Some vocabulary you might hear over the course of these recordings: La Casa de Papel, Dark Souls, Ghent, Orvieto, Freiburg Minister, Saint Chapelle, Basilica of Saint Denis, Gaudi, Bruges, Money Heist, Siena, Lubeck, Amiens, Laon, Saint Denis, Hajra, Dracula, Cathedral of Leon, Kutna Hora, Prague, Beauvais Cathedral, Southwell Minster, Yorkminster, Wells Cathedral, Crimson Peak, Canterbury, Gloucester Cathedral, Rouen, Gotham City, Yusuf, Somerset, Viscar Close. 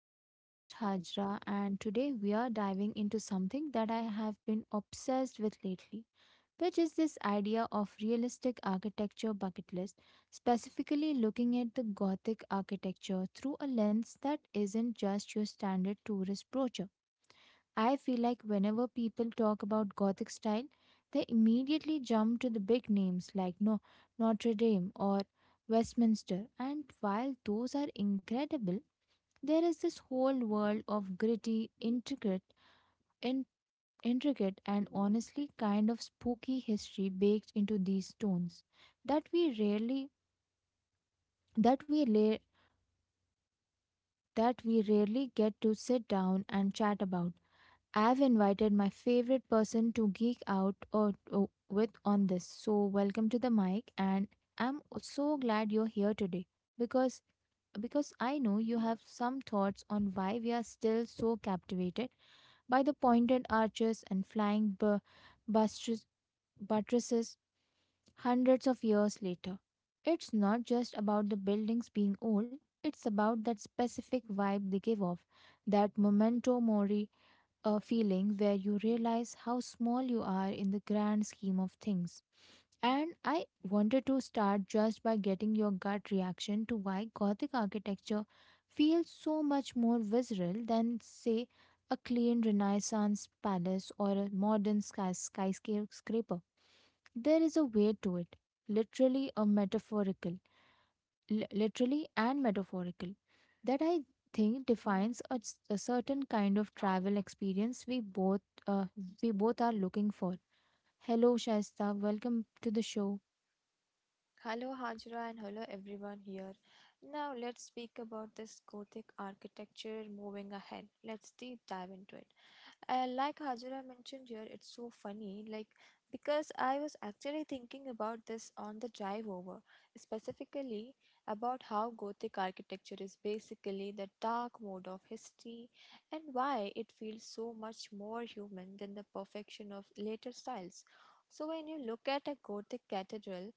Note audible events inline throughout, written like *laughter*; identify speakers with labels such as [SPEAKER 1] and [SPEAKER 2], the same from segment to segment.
[SPEAKER 1] I'm your host, Hajra, and today we are diving into something that I have been obsessed with lately, which is this idea of realistic architecture bucket list, specifically looking at the Gothic architecture through a lens that isn't just your standard tourist brochure. I feel like whenever people talk about Gothic style, they immediately jump to the big names like no Notre Dame or Westminster. And while those are incredible, there is this whole world of gritty, in, intricate, and honestly kind of spooky history baked into these stones that we rarely that we la- that we rarely get to sit down and chat about. I've invited my favorite person to geek out or with on this. So welcome to the mic, and I'm so glad you're here today because I know you have some thoughts on why we are still so captivated by the pointed arches and buttress- buttresses hundreds of years later. It's not just about the buildings being old, it's about that specific vibe they give off, that memento mori, a feeling where you realize how small you are in the grand scheme of things. And I wanted to start just by getting your gut reaction to why Gothic architecture feels so much more visceral than, say, a clean Renaissance palace or a modern skyscraper. There is a way to it, literally a metaphorical literally and metaphorical, that I think defines a certain kind of travel experience uh, we both are looking for. Hello, Shaista. Welcome to the show.
[SPEAKER 2] Hello, Hajra, and hello, everyone here. Now, let's speak about this Gothic architecture moving ahead. Let's deep dive into it. Like Hajira mentioned here, it's so funny, like because I was actually thinking about this on the drive over, specifically about how Gothic architecture is basically the dark mode of history and why it feels so much more human than the perfection of later styles. So when you look at a Gothic cathedral,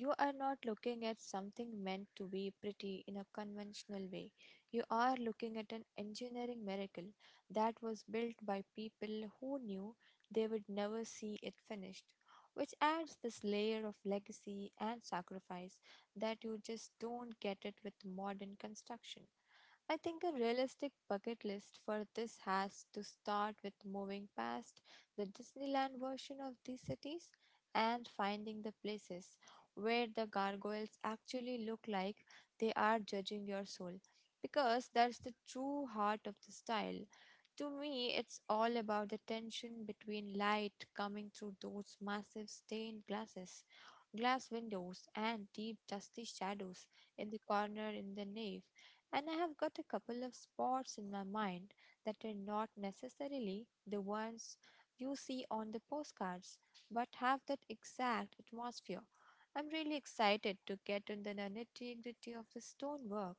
[SPEAKER 2] you are not looking at something meant to be pretty in a conventional way. You are looking at an engineering miracle that was built by people who knew they would never see it finished, which adds this layer of legacy and sacrifice that you just don't get it with modern construction. I think a realistic bucket list for this has to start with moving past the Disneyland version of these cities and finding the places where the gargoyles actually look like they are judging your soul, because that's the true heart of the style. To me, it's all about the tension between light coming through those massive stained glasses, glass windows, and deep dusty shadows in the corner in the nave, and I have got a couple of spots in my mind that are not necessarily the ones you see on the postcards, but have that exact atmosphere. I'm really excited to get into the nitty gritty of the stonework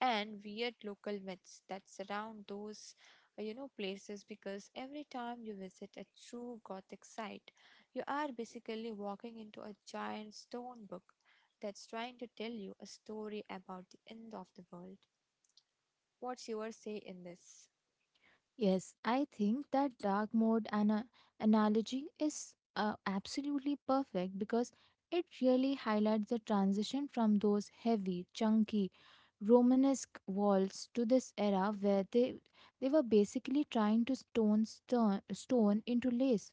[SPEAKER 2] and weird local myths that surround those, places, because every time you visit a true Gothic site, you are basically walking into a giant stone book that's trying to tell you a story about the end of the world. What's your say in this?
[SPEAKER 1] Yes, I think that analogy is absolutely perfect because it really highlights the transition from those heavy, chunky, Romanesque walls to this era where they were basically trying to stone into lace.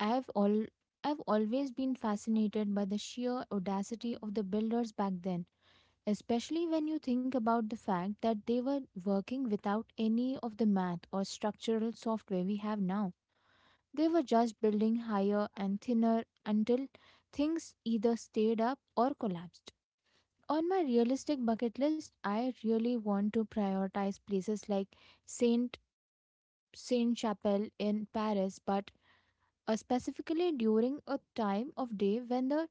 [SPEAKER 1] I've all I've always been fascinated by the sheer audacity of the builders back then, especially when you think about the fact that they were working without any of the math or structural software we have now. They were just building higher and thinner until things either stayed up or collapsed. On my realistic bucket list, I really want to prioritize places like Saint Saint Chapelle in Paris, but specifically during a time of day when the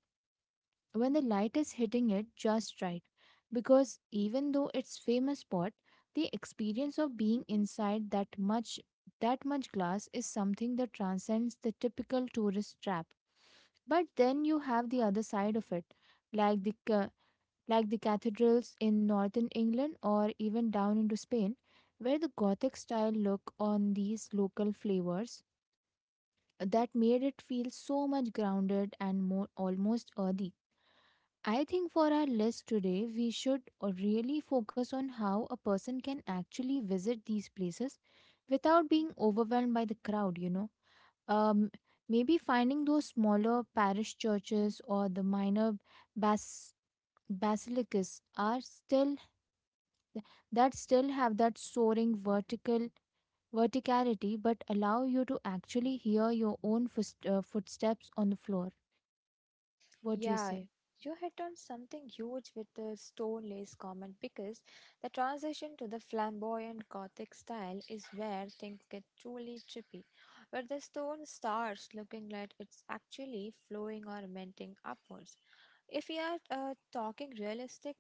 [SPEAKER 1] when the light is hitting it just right, because even though it's famous spot, the experience of being inside that much glass is something that transcends the typical tourist trap. But then you have the other side of it, like like the cathedrals in northern England or even down into Spain, where the Gothic style look on these local flavors that made it feel so much grounded and more almost earthy. I think for our list today, we should really focus on how a person can actually visit these places without being overwhelmed by the crowd, you know. Um, Maybe finding those smaller parish churches or the bas- basilicas are still that still have that soaring verticality but allow you to actually hear your own footsteps on the floor. What do you
[SPEAKER 2] Yeah,
[SPEAKER 1] say?
[SPEAKER 2] you hit on something huge with the stone lace comment because the transition to the flamboyant Gothic style is where things get truly trippy, where the stone starts looking like it's actually flowing or melting upwards. If we are talking realistic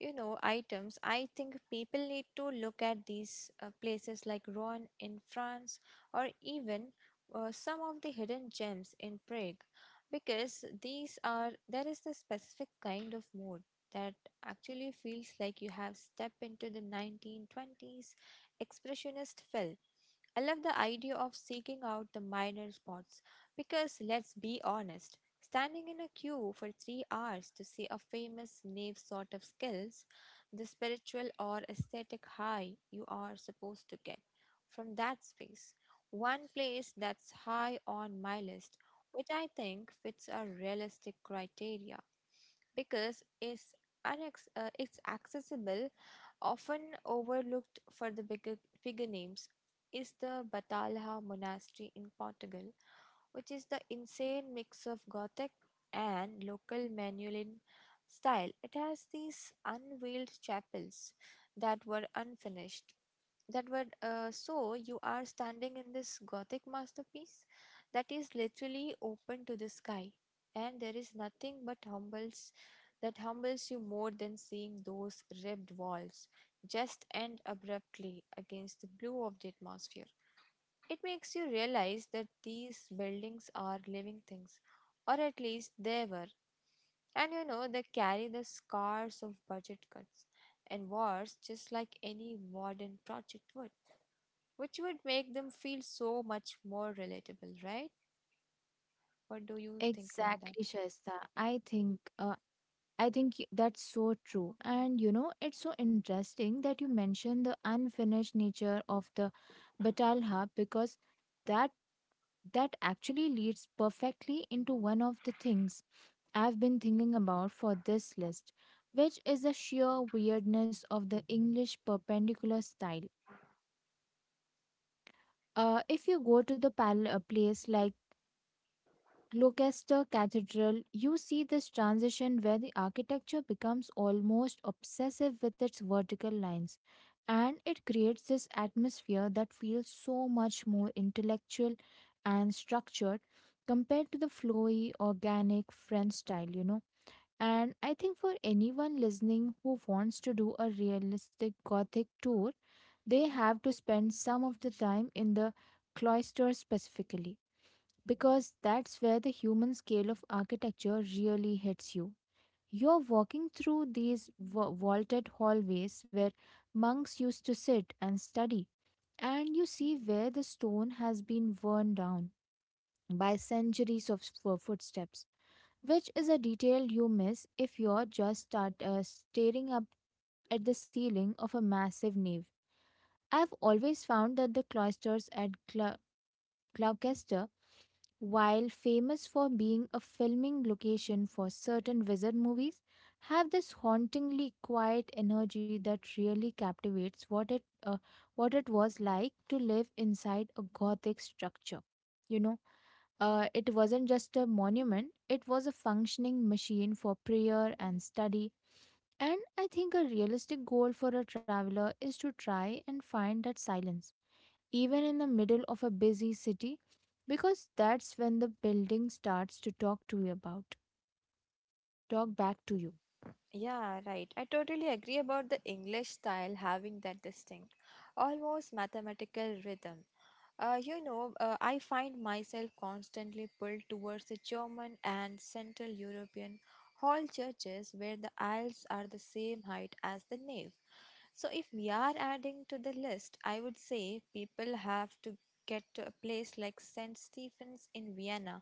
[SPEAKER 2] items, I think people need to look at these places like Rouen in France, or even some of the hidden gems in Prague, because these are there is this specific kind of mood that actually feels like you have stepped into the 1920s expressionist film. I love the idea of seeking out the minor spots because let's be honest, standing in a queue for 3 hours to see a famous knave sort of skills the spiritual or aesthetic high you are supposed to get from that space. One place that's high on my list, which I think fits a realistic criteria because it's, it's accessible, often overlooked for the bigger, figure names, is the Batalha Monastery in Portugal, which is the insane mix of Gothic and local Manuelin style. It has these unveiled chapels that were unfinished, that would so you are standing in this Gothic masterpiece that is literally open to the sky, and there is nothing but humbles you more than seeing those ribbed walls just end abruptly against the blue of the atmosphere. It makes you realize that these buildings are living things, or at least they were, and you know they carry the scars of budget cuts and wars just like any modern project would, which would make them feel so much more relatable, right? What do you think about that?
[SPEAKER 1] Exactly, Shaista. I think that's so true. And you know, it's so interesting that you mentioned the unfinished nature of the Batalha because that that actually leads perfectly into one of the things I've been thinking about for this list, which is the sheer weirdness of the English perpendicular style. If you go to the place like Gloucester Cathedral, you see this transition where the architecture becomes almost obsessive with its vertical lines, and it creates this atmosphere that feels so much more intellectual and structured compared to the flowy, organic French style, you know. And I think for anyone listening who wants to do a realistic Gothic tour, they have to spend some of the time in the cloister specifically, because that's where the human scale of architecture really hits you. You're walking through these vaulted hallways where monks used to sit and study, and you see where the stone has been worn down by centuries of footsteps, which is a detail you miss if you're just staring up at the ceiling of a massive nave. I've always found that the cloisters at Gloucester, while famous for being a filming location for certain wizard movies, have this hauntingly quiet energy that really captivates uh, what it was like to live inside a Gothic structure. You know, it wasn't just a monument; it was a functioning machine for prayer and study. And I think a realistic goal for a traveler is to try and find that silence even in the middle of a busy city, because that's when the building starts to talk back to you.
[SPEAKER 2] Yeah, right. I totally agree about the English style having that distinct, almost mathematical rhythm. I find myself constantly pulled towards the German and Central European hall churches where the aisles are the same height as the nave. So, if we are adding to the list, I would say people have to get to a place like St. Stephen's in Vienna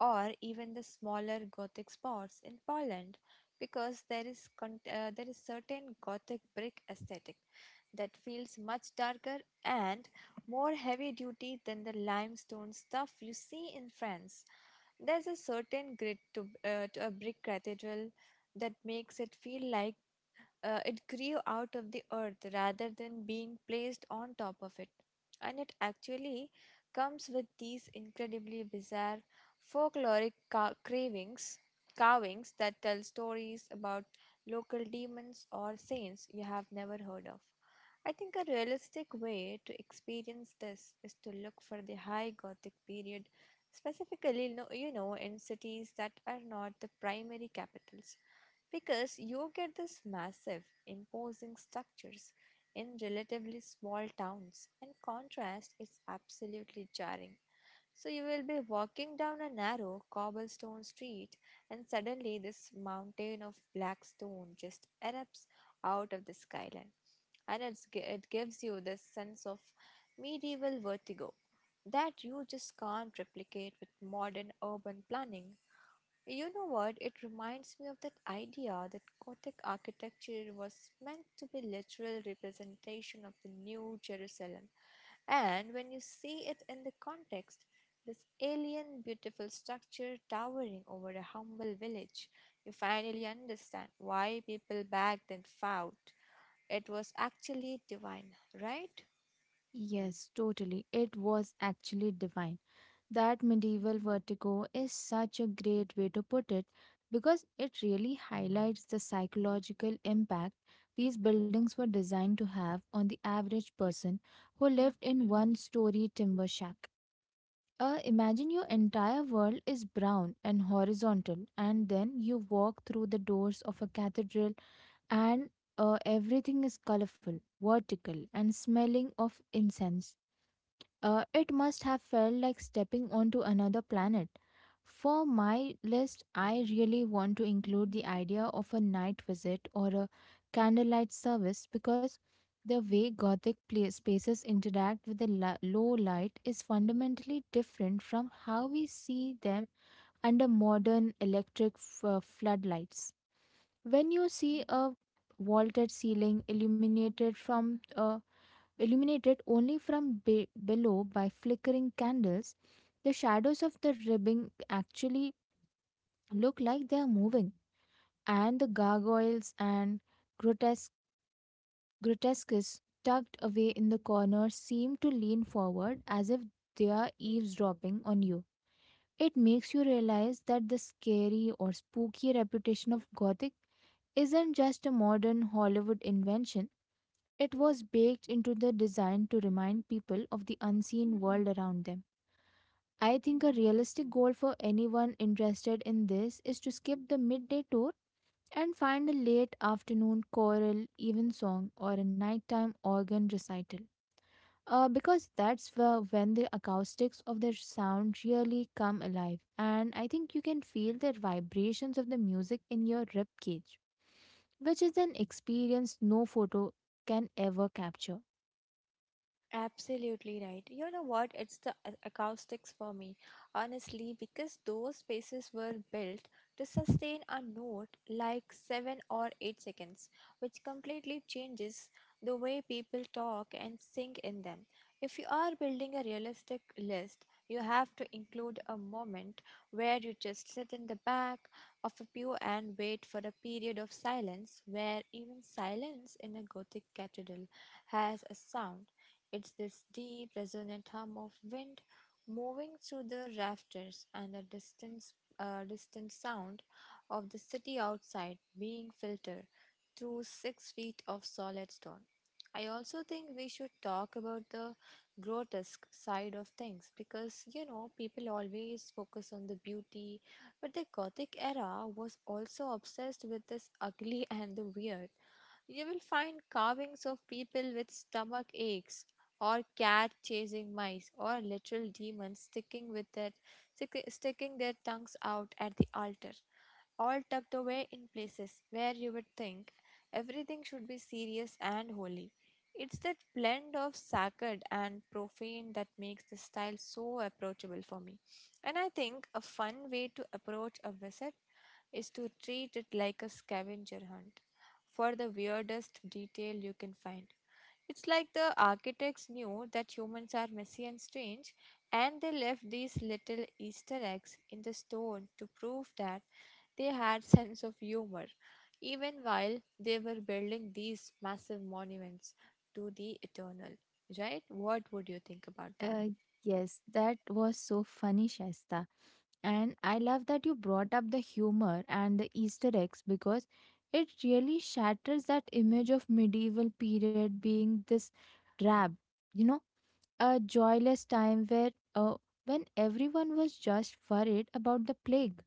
[SPEAKER 2] or even the smaller Gothic spots in Poland, because there is certain Gothic brick aesthetic that feels much darker and more heavy duty than the limestone stuff you see in France. There's a certain grit to a brick cathedral that makes it feel like it grew out of the earth rather than being placed on top of it. And it actually comes with these incredibly bizarre folkloric cravings, carvings that tell stories about local demons or saints you have never heard of. I think a realistic way to experience this is to look for the high Gothic period, specifically, you know, in cities that are not the primary capitals, because you get these massive, imposing structures in relatively small towns, and contrast is absolutely jarring. So, you will be walking down a narrow cobblestone street, and suddenly this mountain of black stone just erupts out of the skyline, and it gives you this sense of medieval vertigo that you just can't replicate with modern urban planning. You know what? It reminds me of that idea that Gothic architecture was meant to be literal representation of the New Jerusalem. And when you see it in the context, this alien beautiful structure towering over a humble village, you finally understand why people back then thought it was actually divine, right?
[SPEAKER 1] Yes, totally. It was actually divine. That medieval vertigo is such a great way to put it because it really highlights the psychological impact these buildings were designed to have on the average person who lived in one story timber shack. Imagine your entire world is brown and horizontal, and then you walk through the doors of a cathedral, and everything is colorful, vertical, and smelling of incense. It must have felt like stepping onto another planet. For my list, I really want to include the idea of a night visit or a candlelight service, because the way Gothic spaces interact with the low light is fundamentally different from how we see them under modern electric floodlights. When you see a illuminated only from below by flickering candles, the shadows of the ribbing actually look like they are moving, and the gargoyles and grotesque grotesques tucked away in the corners seem to lean forward as if they are eavesdropping on you. It makes you realize that the scary or spooky reputation of Gothic isn't just a modern Hollywood invention. It was baked into the design to remind people of the unseen world around them. I think a realistic goal for anyone interested in this is to skip the midday tour and find a late afternoon choral, evensong, or a nighttime organ recital. Because that's when the acoustics of the sound really come alive, and I think you can feel the vibrations of the music in your rib cage, which is an experience no photo can ever capture.
[SPEAKER 2] Absolutely right. You know what? It's the acoustics for me, honestly, because those spaces were built to sustain a note like 7 or 8 seconds, which completely changes the way people talk and sing in them. If you are building a realistic list, you have to include a moment where you just sit in the back of a pew and wait for a period of silence, where even silence in a Gothic cathedral has a sound. It's this deep, resonant hum of wind moving through the rafters and the distant sound of the city outside being filtered through 6 feet of solid stone. I also think we should talk about the grotesque side of things because you know people always focus on the beauty, but the Gothic era was also obsessed with this ugly *laughs* and the weird. You will find carvings of people with stomach aches, or cat chasing mice, or literal demons sticking their tongues out at the altar, all tucked away in places where you would think everything should be serious and holy. It's that blend of sacred and profane that makes the style so approachable for me. And I think a fun way to approach a visit is to treat it like a scavenger hunt for the weirdest detail you can find. It's like the architects knew that humans are messy and strange, and they left these little Easter eggs in the stone to prove that they had sense of humor, even while they were building these massive monuments to the eternal. Right? What would you think about that?
[SPEAKER 1] Uh, yes, that was so funny, Shaista. And I love that you brought up the humor and the Easter eggs because it really shatters that image of medieval period being this drab, you know, a joyless time where when everyone was just worried about the plague.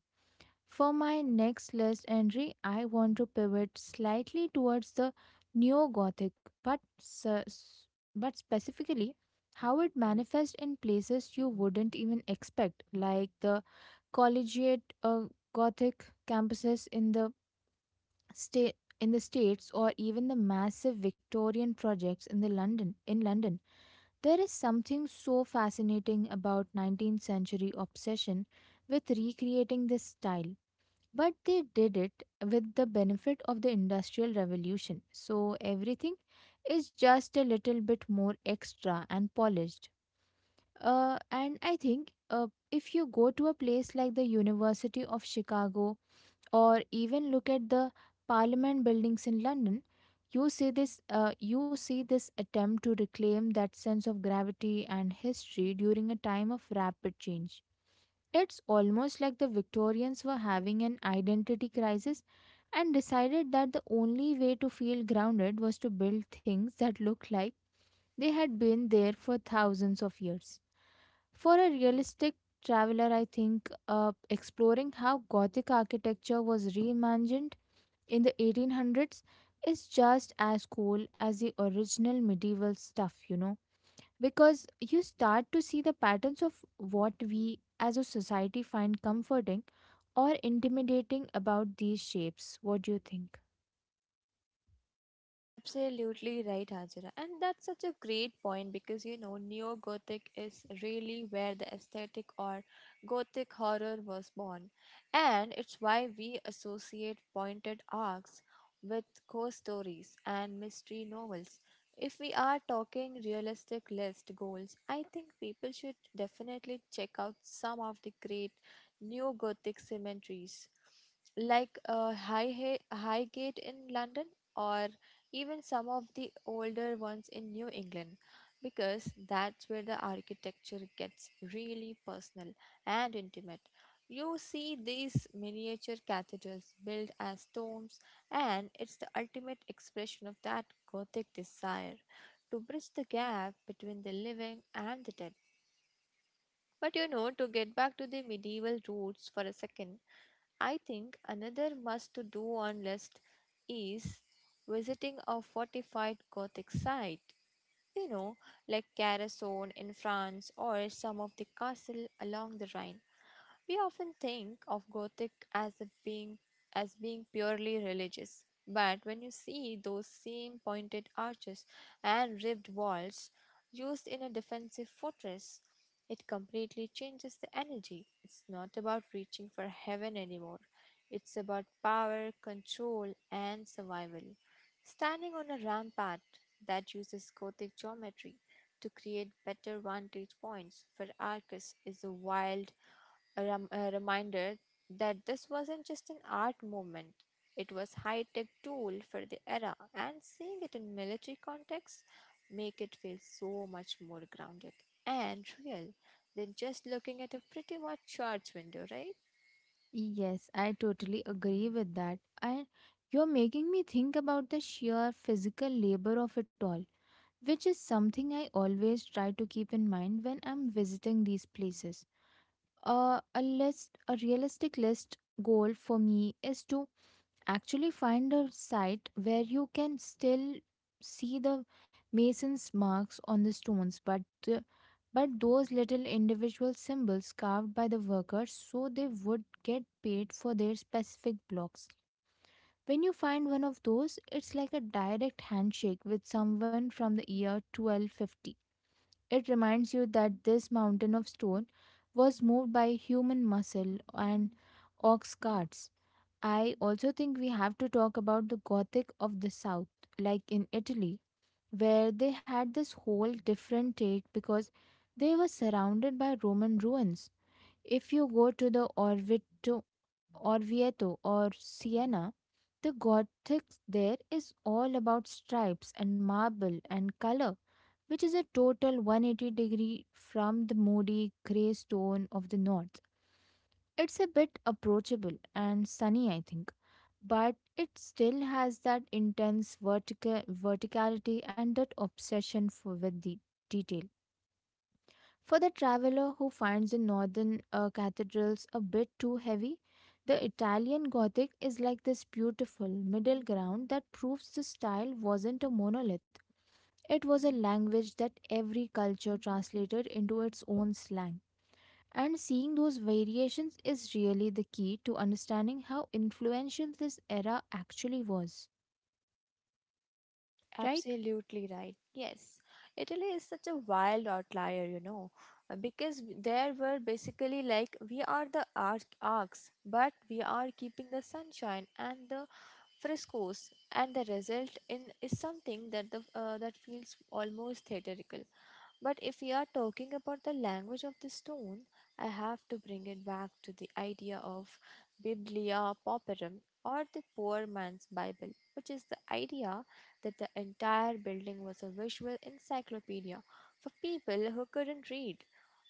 [SPEAKER 1] For my next list entry, I want to pivot slightly towards the neo-Gothic, but specifically how it manifests in places you wouldn't even expect, like the collegiate Gothic campuses in the states, or even the massive Victorian projects in the London in London. There is something so fascinating about 19th century obsession with recreating this style, but they did it with the benefit of the Industrial Revolution, so everything is just a little bit more extra and polished. And I think if you go to a place like the University of Chicago or even look at the Parliament buildings in London, you see this attempt to reclaim that sense of gravity and history during a time of rapid change. It's almost like the Victorians were having an identity crisis and decided that the only way to feel grounded was to build things that looked like they had been there for thousands of years. For a realistic traveler, I think exploring how Gothic architecture was reimagined in the 1800s is just as cool as the original medieval stuff, you know, because you start to see the patterns of what we as a society find comforting or intimidating about these shapes. What do you think?
[SPEAKER 2] Absolutely right, Hajira. And that's such a great point because you know, neo gothic is really where the aesthetic or gothic horror was born. And it's why we associate pointed arcs with ghost stories and mystery novels. If we are talking realistic list goals, I think people should definitely check out some of the great neo gothic cemeteries like Highgate in London, or even some of the older ones in New England, because that's where the architecture gets really personal and intimate. You see these miniature cathedrals built as tombs, and it's the ultimate expression of that Gothic desire to bridge the gap between the living and the dead. But you know, to get back to the medieval roots for a second, I think another must to do on list is visiting a fortified Gothic site, you know, like Carcassonne in France or some of the castle along the Rhine. We often think of Gothic as being purely religious, but when you see those same pointed arches and ribbed walls used in a defensive fortress, it completely changes the energy. It's not about reaching for heaven anymore. It's about power, control, and survival. Standing on a rampart that uses Gothic geometry to create better vantage points for archers is a wild reminded that this wasn't just an art movement, it was high-tech tool for the era, and seeing it in military context make it feel so much more grounded and real than just looking at a pretty much church window, right?
[SPEAKER 1] Yes, I totally agree with that. And you're making me think about the sheer physical labor of it all, which is something I always try to keep in mind when I'm visiting these places. A realistic list goal for me is to actually find a site where you can still see the mason's marks on the stones, but but those little individual symbols carved by the workers so they would get paid for their specific blocks. When you find one of those, it's like a direct handshake with someone from the year 1250. It reminds you that this mountain of stone was moved by human muscle and ox carts. I also think we have to talk about the Gothic of the South, like in Italy, where they had this whole different take because they were surrounded by Roman ruins. If you go to Orvieto or Siena, the Gothic there is all about stripes and marble and color, which is a total 180-degree from the moody grey stone of the north. It's a bit approachable and sunny, I think, but it still has that intense verticality and that obsession for with the detail. For the traveler who finds the northern cathedrals a bit too heavy, the Italian Gothic is like this beautiful middle ground that proves the style wasn't a monolith. It was a language that every culture translated into its own slang. And seeing those variations is really the key to understanding how influential this era actually was. Right?
[SPEAKER 2] Absolutely right. Yes. Italy is such a wild outlier, you know, because there were basically like we are the arcs, but we are keeping the sunshine and the frescoes, and the result in is something that the that feels almost theatrical. But if we are talking about the language of the stone, I have to bring it back to the idea of biblia pauperum, or the poor man's bible, which is the idea that the entire building was a visual encyclopedia for people who couldn't read.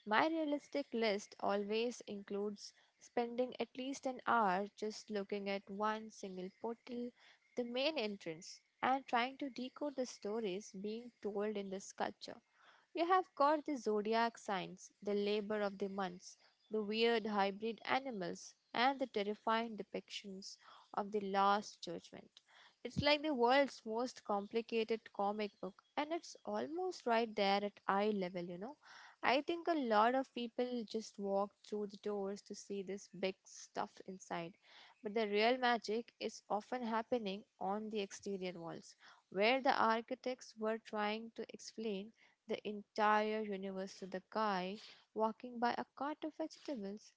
[SPEAKER 2] My realistic list always includes spending at least an hour just looking at one single portal, the main entrance, and trying to decode the stories being told in the sculpture. You have got the zodiac signs, the labor of the months, the weird hybrid animals, and the terrifying depictions of the Last Judgment. It's like the world's most complicated comic book, and it's almost right there at eye level. I think a lot of people just walk through the doors to see this big stuff inside, but the real magic is often happening on the exterior walls, where the architects were trying to explain the entire universe to the guy walking by a cart of vegetables.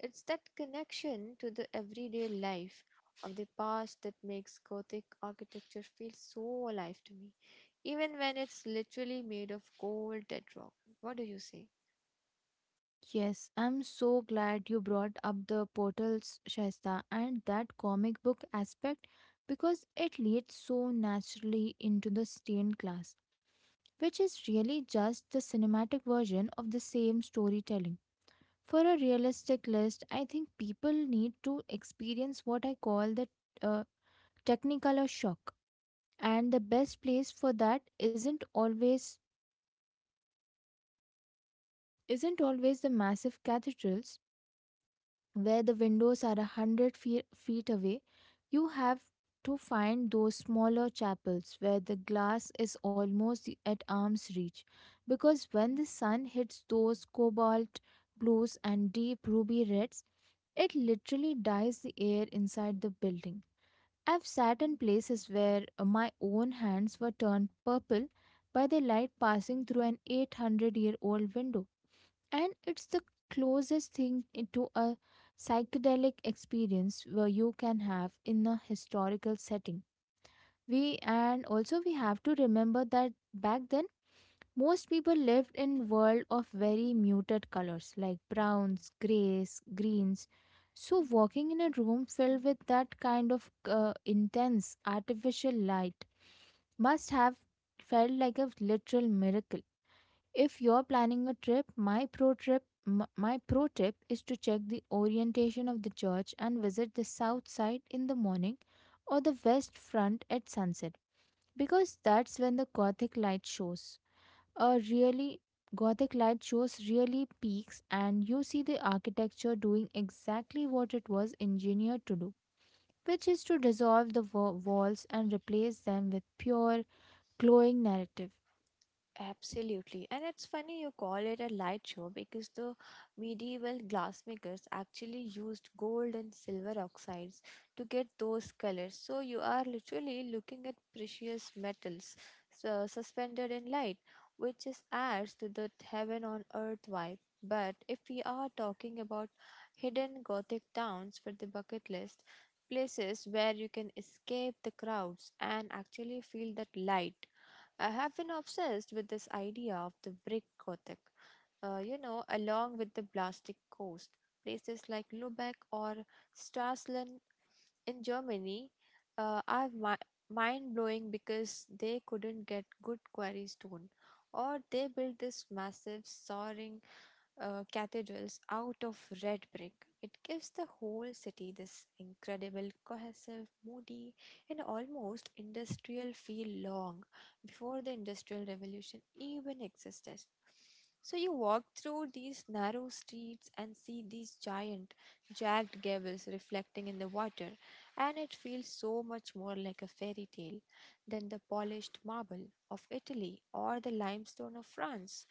[SPEAKER 2] It's that connection to the everyday life of the past that makes Gothic architecture feel so alive to me, even when it's literally made of cold, dead rock. What do you say?
[SPEAKER 1] Yes, I'm so glad you brought up the portals, Shaista, and that comic book aspect, because it leads so naturally into the stained glass, which is really just the cinematic version of the same storytelling. For a realistic list, I think people need to experience what I call the uh, technicolor shock, and the best place for that isn't always the massive cathedrals where the windows are a hundred feet away. You have to find those smaller chapels where the glass is almost at arm's reach, because when the sun hits those cobalt blues and deep ruby reds, it literally dyes the air inside the building. I've sat in places where my own hands were turned purple by the light passing through an 800-year-old window, and it's the closest thing to a psychedelic experience where you can have in a historical setting. We and also we have to remember that back then most people lived in world of very muted colors like browns, grays, greens. So walking in a room filled with that kind of intense artificial light must have felt like a literal miracle. If you're planning a trip, my pro trip my pro tip is to check the orientation of the church and visit the south side in the morning or the west front at sunset, because that's when the gothic light shows. A really gothic light shows really peaks and you see the architecture doing exactly what it was engineered to do, which is to dissolve the walls and replace them with pure glowing narrative.
[SPEAKER 2] Absolutely. And it's funny you call it a light show because the medieval glassmakers actually used gold and silver oxides to get those colors. So you are literally looking at precious metals so suspended in light, which is adds to the heaven on earth vibe. But if we are talking about hidden Gothic towns for the bucket list, places where you can escape the crowds and actually feel that light, I have been obsessed with this idea of the brick Gothic, along with the plastic coast. Places like Lubeck or Stralsund in Germany are mind blowing because they couldn't get good quarry stone, or they built this massive soaring cathedrals out of red brick. It gives the whole city this incredible, cohesive, moody, and almost industrial feel long before the Industrial Revolution even existed. So you walk through these narrow streets and see these giant, jagged gables reflecting in the water, and it feels so much more like a fairy tale than the polished marble of Italy or the limestone of France.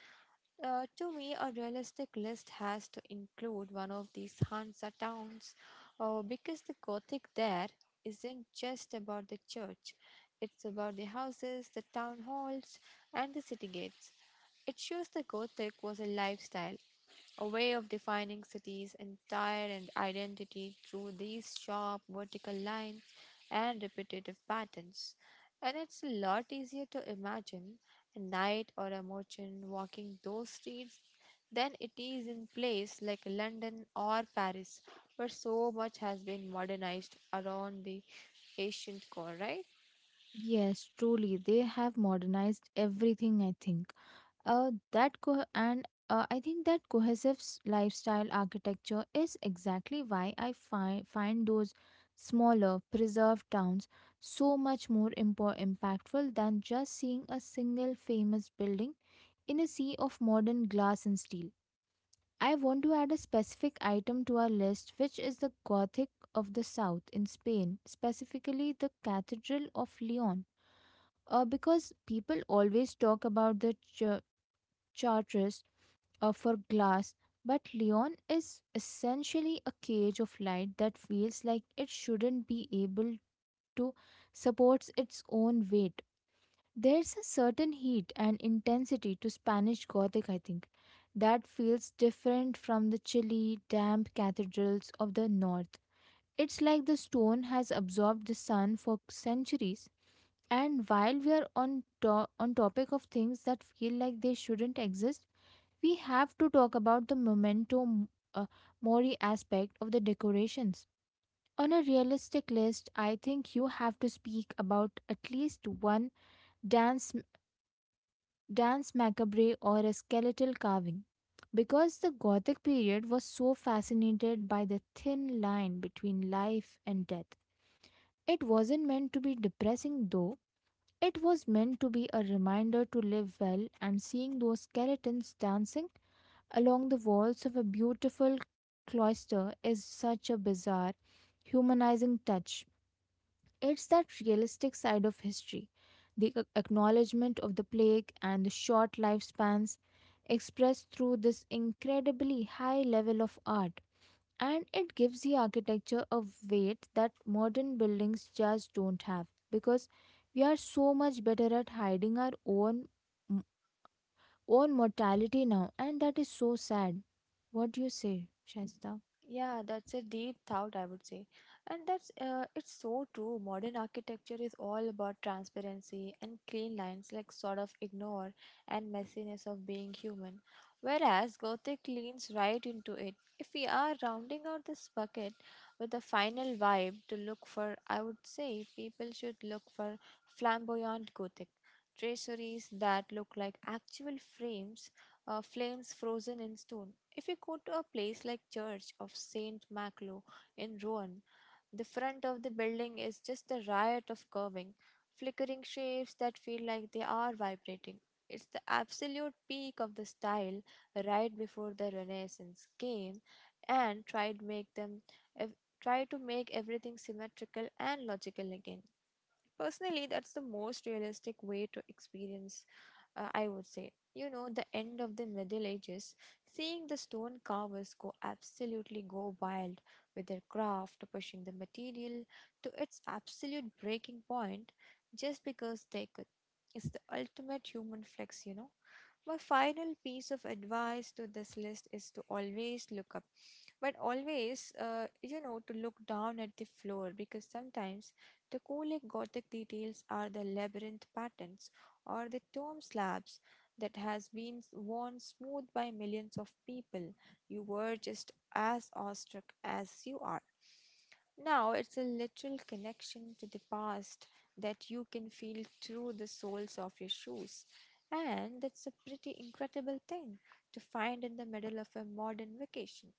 [SPEAKER 2] To me, a realistic list has to include one of these Hansa towns because the Gothic there isn't just about the church, it's about the houses, the town halls, and the city gates. It shows the Gothic was a lifestyle, a way of defining cities' entire and identity through these sharp vertical lines and repetitive patterns. And it's a lot easier to imagine a knight or a merchant walking those streets than it is in place like London or Paris, where so much has been modernized around the ancient core, right?
[SPEAKER 1] Yes, truly, they have modernized everything. I think that co- and I think that cohesive lifestyle architecture is exactly why I find those smaller preserved towns so much more impactful than just seeing a single famous building in a sea of modern glass and steel. I want to add a specific item to our list, which is the Gothic of the South in Spain, specifically the Cathedral of Leon, because people always talk about Chartres for glass, but Leon is essentially a cage of light that feels like it shouldn't be able to support its own weight. There's a certain heat and intensity to Spanish Gothic, I think, that feels different from the chilly, damp cathedrals of the north. It's like the stone has absorbed the sun for centuries. And while we are on topic of things that feel like they shouldn't exist, we have to talk about the memento uh, mori aspect of the decorations. On a realistic list, I think you have to speak about at least one dance dance macabre or a skeletal carving, because the Gothic period was so fascinated by the thin line between life and death. It wasn't meant to be depressing though. It was meant to be a reminder to live well, and seeing those skeletons dancing along the walls of a beautiful cloister is such a bizarre, humanizing touch. It's that realistic side of history, the acknowledgement of the plague and the short lifespans expressed through this incredibly high level of art. And it gives the architecture a weight that modern buildings just don't have, because we are so much better at hiding our own mortality now, and that is so sad. What do you say, Shaista?
[SPEAKER 2] Yeah, that's a deep thought, I would say. And that's it's so true. Modern architecture is all about transparency and clean lines, like sort of ignore and messiness of being human. Whereas Gothic leans right into it. If we are rounding out this bucket with a final vibe to look for, I would say people should look for flamboyant Gothic. Traceries that look like actual frames, flames frozen in stone if you go to a place like Church of Saint Maclo in Rouen, the front of the building is just a riot of curving, flickering shapes that feel like they are vibrating. It's the absolute peak of the style right before the Renaissance came and tried make them ev- try to make everything symmetrical and logical again. Personally, that's the most realistic way to experience I would say. The end of the Middle Ages, seeing the stone carvers go absolutely go wild with their craft, pushing the material to its absolute breaking point just because they could. It's the ultimate human flex. My final piece of advice to this list is to always look up, but always, to look down at the floor because sometimes the Colic Gothic details are the labyrinth patterns or the tomb slabs that has been worn smooth by millions of people. You were just as awestruck as you are. Now it's a literal connection to the past that you can feel through the soles of your shoes. And that's a pretty incredible thing to find in the middle of a modern vacation,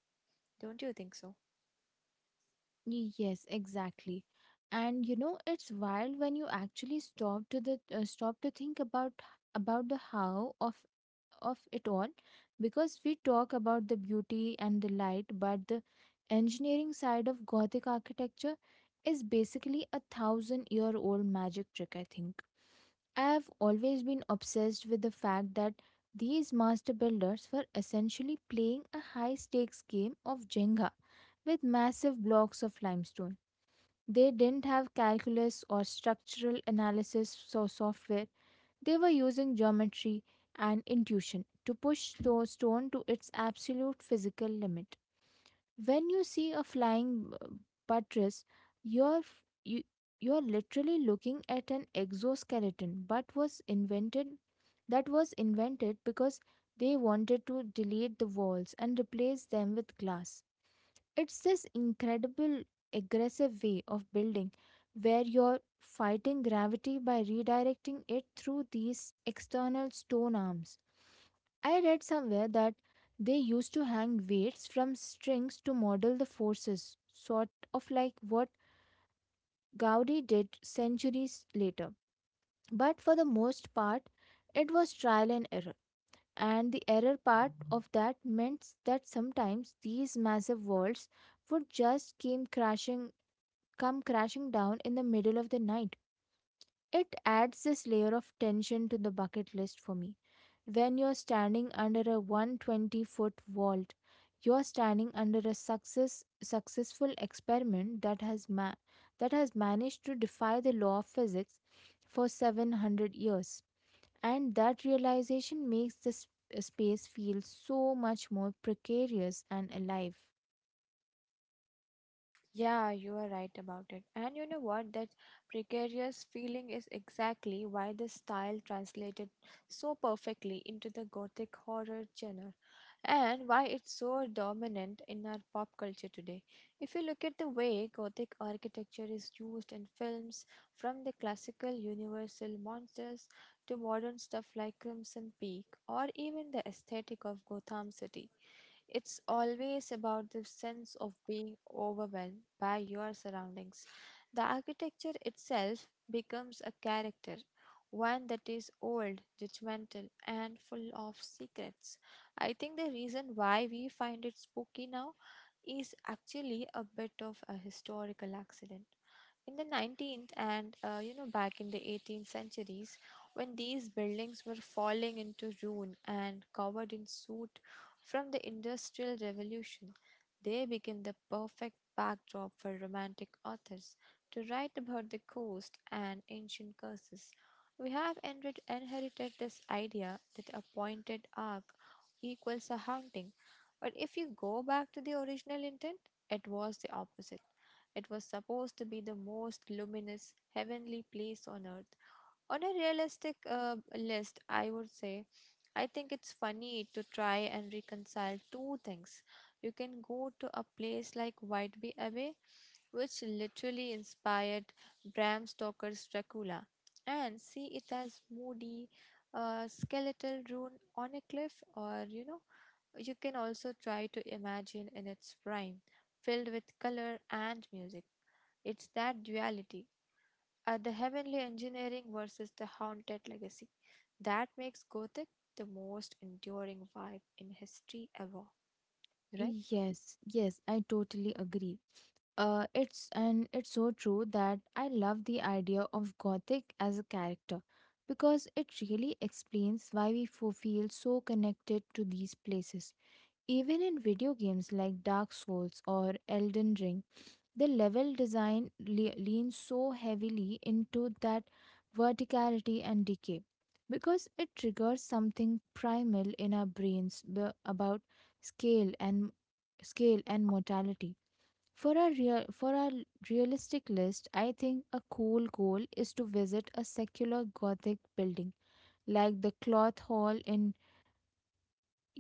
[SPEAKER 2] don't you think so?
[SPEAKER 1] Yes, exactly. And you know, it's wild when you actually stop to think about the how of it all, because we talk about the beauty and the light, but the engineering side of Gothic architecture is basically a thousand year old magic trick, I think. I've always been obsessed with the fact that these master builders were essentially playing a high stakes game of Jenga with massive blocks of limestone. They didn't have calculus or structural analysis so software. They were using geometry and intuition to push the stone to its absolute physical limit. When you see a flying buttress, you're f- you, you're literally looking at an exoskeleton but was invented that was invented because they wanted to delete the walls and replace them with glass. It's this incredible aggressive way of building where you're fighting gravity by redirecting it through these external stone arms. I read somewhere that they used to hang weights from strings to model the forces, sort of like what Gaudi did centuries later. But for the most part, it was trial and error. And the error part of that meant that sometimes these massive walls would just came crashing come crashing down in the middle of the night. It adds this layer of tension to the bucket list for me. When you're standing under a 120-foot vault, you're standing under a successful experiment that has managed to defy the law of physics for 700 years, and that realization makes this space feel so much more precarious and alive.
[SPEAKER 2] Yeah, you are right about it. And you know what? That precarious feeling is exactly why this style translated so perfectly into the gothic horror genre and why it's so dominant in our pop culture today. If you look at the way gothic architecture is used in films, from the classical universal monsters to modern stuff like Crimson Peak or even the aesthetic of Gotham City. It's always about the sense of being overwhelmed by your surroundings. The architecture itself becomes a character, one that is old, judgmental, and full of secrets. I think the reason why we find it spooky now is actually a bit of a historical accident in the 19th and back in the 18th centuries when these buildings were falling into ruin and covered in soot from the industrial revolution. They became the perfect backdrop for romantic authors to write about the coast and ancient curses. We have inherited this idea that a pointed arc equals a haunting, but if you go back to the original intent, it was the opposite. It was supposed to be the most luminous, heavenly place on earth. On a realistic list, I would say, I think it's funny to try and reconcile two things. You can go to a place like Whitby Abbey, which literally inspired Bram Stoker's Dracula, and see it as moody, skeletal ruin on a cliff, or you can also try to imagine in its prime, filled with color and music. It's that duality, the heavenly engineering versus the haunted legacy, that makes Gothic the most enduring vibe in history ever, right?
[SPEAKER 1] Yes, yes, I totally agree. It's and it's so true that I love the idea of Gothic as a character, because it really explains why we feel so connected to these places. Even in video games like Dark Souls or Elden Ring, the level design leans so heavily into that verticality and decay, because it triggers something primal in our brains about scale and scale and mortality. For our realistic list, I think a cool goal is to visit a secular Gothic building like the Cloth Hall in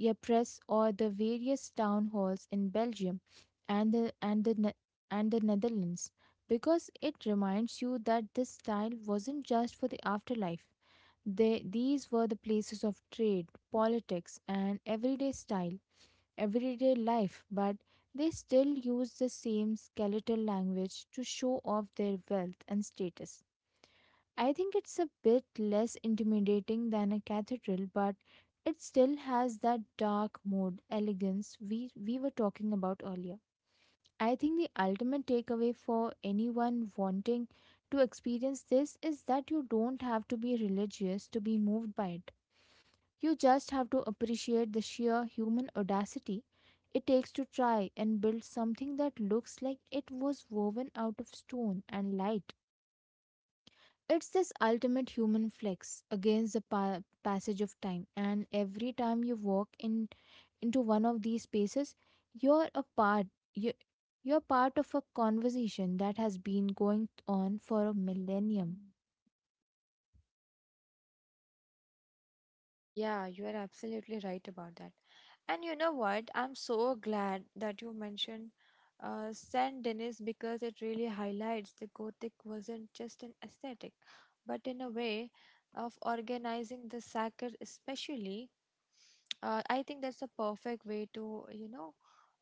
[SPEAKER 1] a press or the various town halls in Belgium and the and the Ne- and the Netherlands, because it reminds you that this style wasn't just for the afterlife. They, these were the places of trade, politics, and everyday life, but they still use the same skeletal language to show off their wealth and status. I think it's a bit less intimidating than a cathedral, but it still has that dark mode elegance we were talking about earlier. I think the ultimate takeaway for anyone wanting to experience this is that you don't have to be religious to be moved by it. You just have to appreciate the sheer human audacity it takes to try and build something that looks like it was woven out of stone and light. It's this ultimate human flex against the passage of time, and every time you walk in into one of these spaces, you're a part you you're part of a conversation that has been going on for a millennium.
[SPEAKER 2] Yeah, you are absolutely right about that. And you know what? I'm so glad that you mentioned Saint Denis because it really highlights the Gothic wasn't just an aesthetic, but in a way of organizing the sacred, especially. I think that's a perfect way to, you know,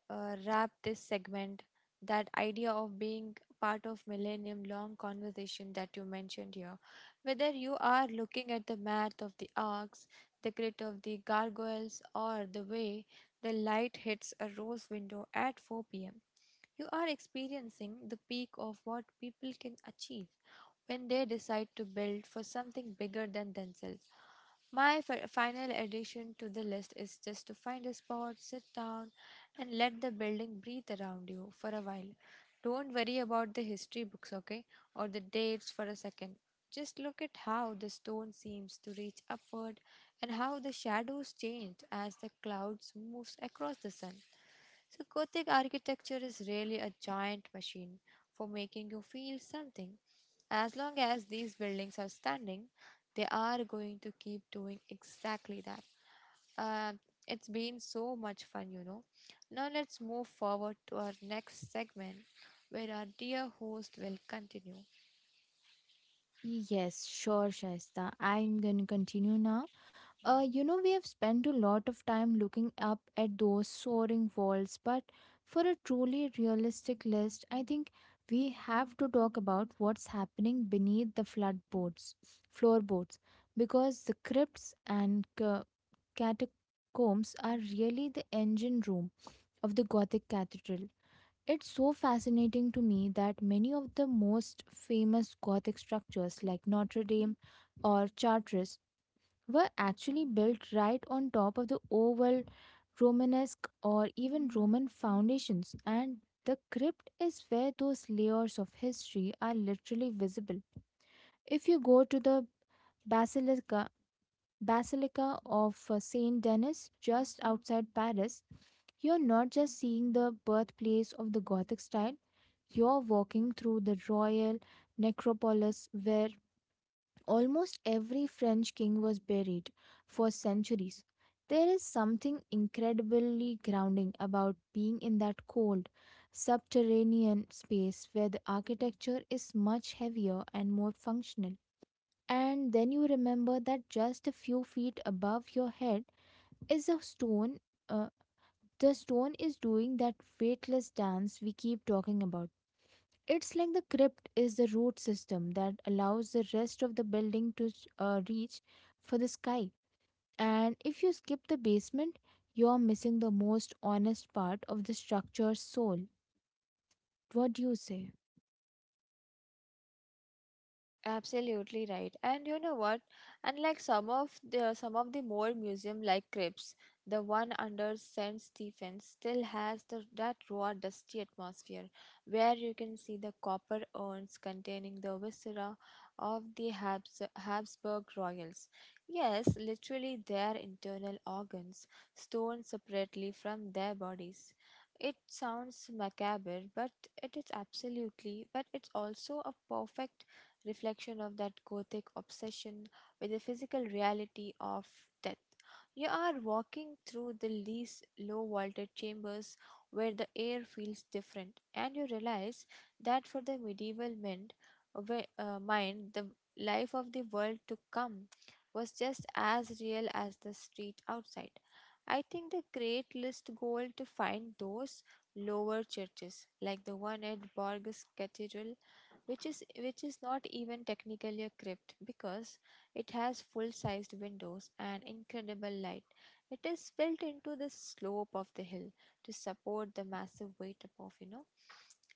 [SPEAKER 2] uh, wrap this segment. That idea of being part of millennium long conversation that you mentioned here, whether you are looking at the math of the arcs, the grit of the gargoyles, or the way the light hits a rose window at 4 p.m., you are experiencing the peak of what people can achieve when they decide to build for something bigger than themselves. My final addition to the list is just to find a spot, sit down, and let the building breathe around you for a while. Don't worry about the history books, okay, or the dates for a second. Just look at how the stone seems to reach upward and how the shadows change as the clouds moves across the sun. So Gothic architecture is really a giant machine for making you feel something. As long as these buildings are standing, they are going to keep doing exactly that. Uh, it's been so much fun. Now let's move forward to our next segment where our dear host will continue.
[SPEAKER 1] Yes, sure, Shaista. I'm going to continue now. You know, we have spent a lot of time looking up at those soaring walls, but for a truly realistic list, I think we have to talk about what's happening beneath the floorboards, because the crypts and catacombs are really the engine room of the Gothic cathedral. It's so fascinating to me that many of the most famous Gothic structures like Notre Dame or Chartres were actually built right on top of the oval Romanesque or even Roman foundations, and the crypt is where those layers of history are literally visible. If you go to the Basilica Basilica of Saint Denis just outside Paris, you're not just seeing the birthplace of the Gothic style, you're walking through the royal necropolis where almost every French king was buried for centuries. There is something incredibly grounding about being in that cold, subterranean space where the architecture is much heavier and more functional. And then you remember that just a few feet above your head is a uh, stone is doing that weightless dance we keep talking about. It's like the crypt is the root system that allows the rest of the building to reach for the sky. And if you skip the basement, you're missing the most honest part of the structure's soul. What do you say?
[SPEAKER 2] Absolutely right. And you know what? Unlike some of the more museum like crypts, the one under St. Stephen's still has that raw dusty atmosphere where you can see the copper urns containing the viscera of the Habsburg royals. Yes, literally their internal organs, stored separately from their bodies. It sounds macabre, but it is absolutely, but it's also a perfect reflection of that gothic obsession with the physical reality of death. You are walking through these low vaulted chambers where the air feels different, and you realize that for the medieval men, mind, the life of the world to come was just as real as the street outside. I think the great list goal to find those lower churches, like the one at Borges Cathedral which is not even technically a crypt because it has full-sized windows and incredible light. It is built into the slope of the hill to support the massive weight above, you know.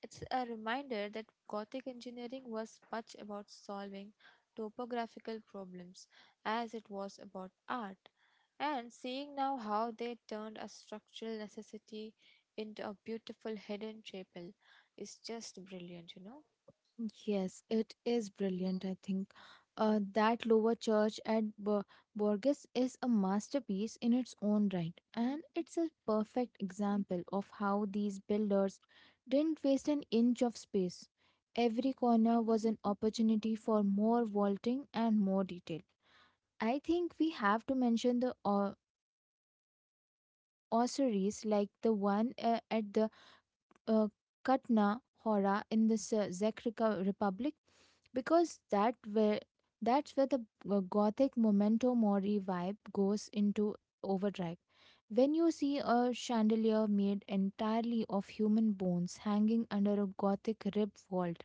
[SPEAKER 2] It's a reminder that Gothic engineering was much about solving topographical problems as it was about art. And seeing now how they turned a structural necessity into a beautiful hidden chapel is just brilliant, you know.
[SPEAKER 1] Yes, it is brilliant, I think. That lower church at Borges is a masterpiece in its own right, and it's a perfect example of how these builders didn't waste an inch of space. Every corner was an opportunity for more vaulting and more detail. I think we have to mention the ossuaries like the one at the uh, Katna Hora in this Republic because that's where the Gothic memento mori vibe goes into overdrive. When you see a chandelier made entirely of human bones hanging under a Gothic rib vault,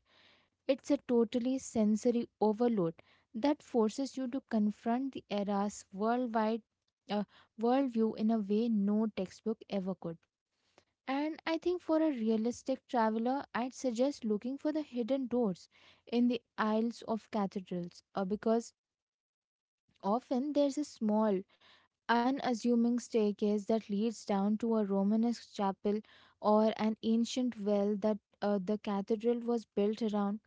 [SPEAKER 1] it's a totally sensory overload that forces you to confront the era's worldwide uh, worldview in a way no textbook ever could. And I think for a realistic traveler, I'd suggest looking for the hidden doors in the aisles of cathedrals because often there's a small, unassuming staircase that leads down to a Romanesque chapel or an ancient well that the cathedral was built around.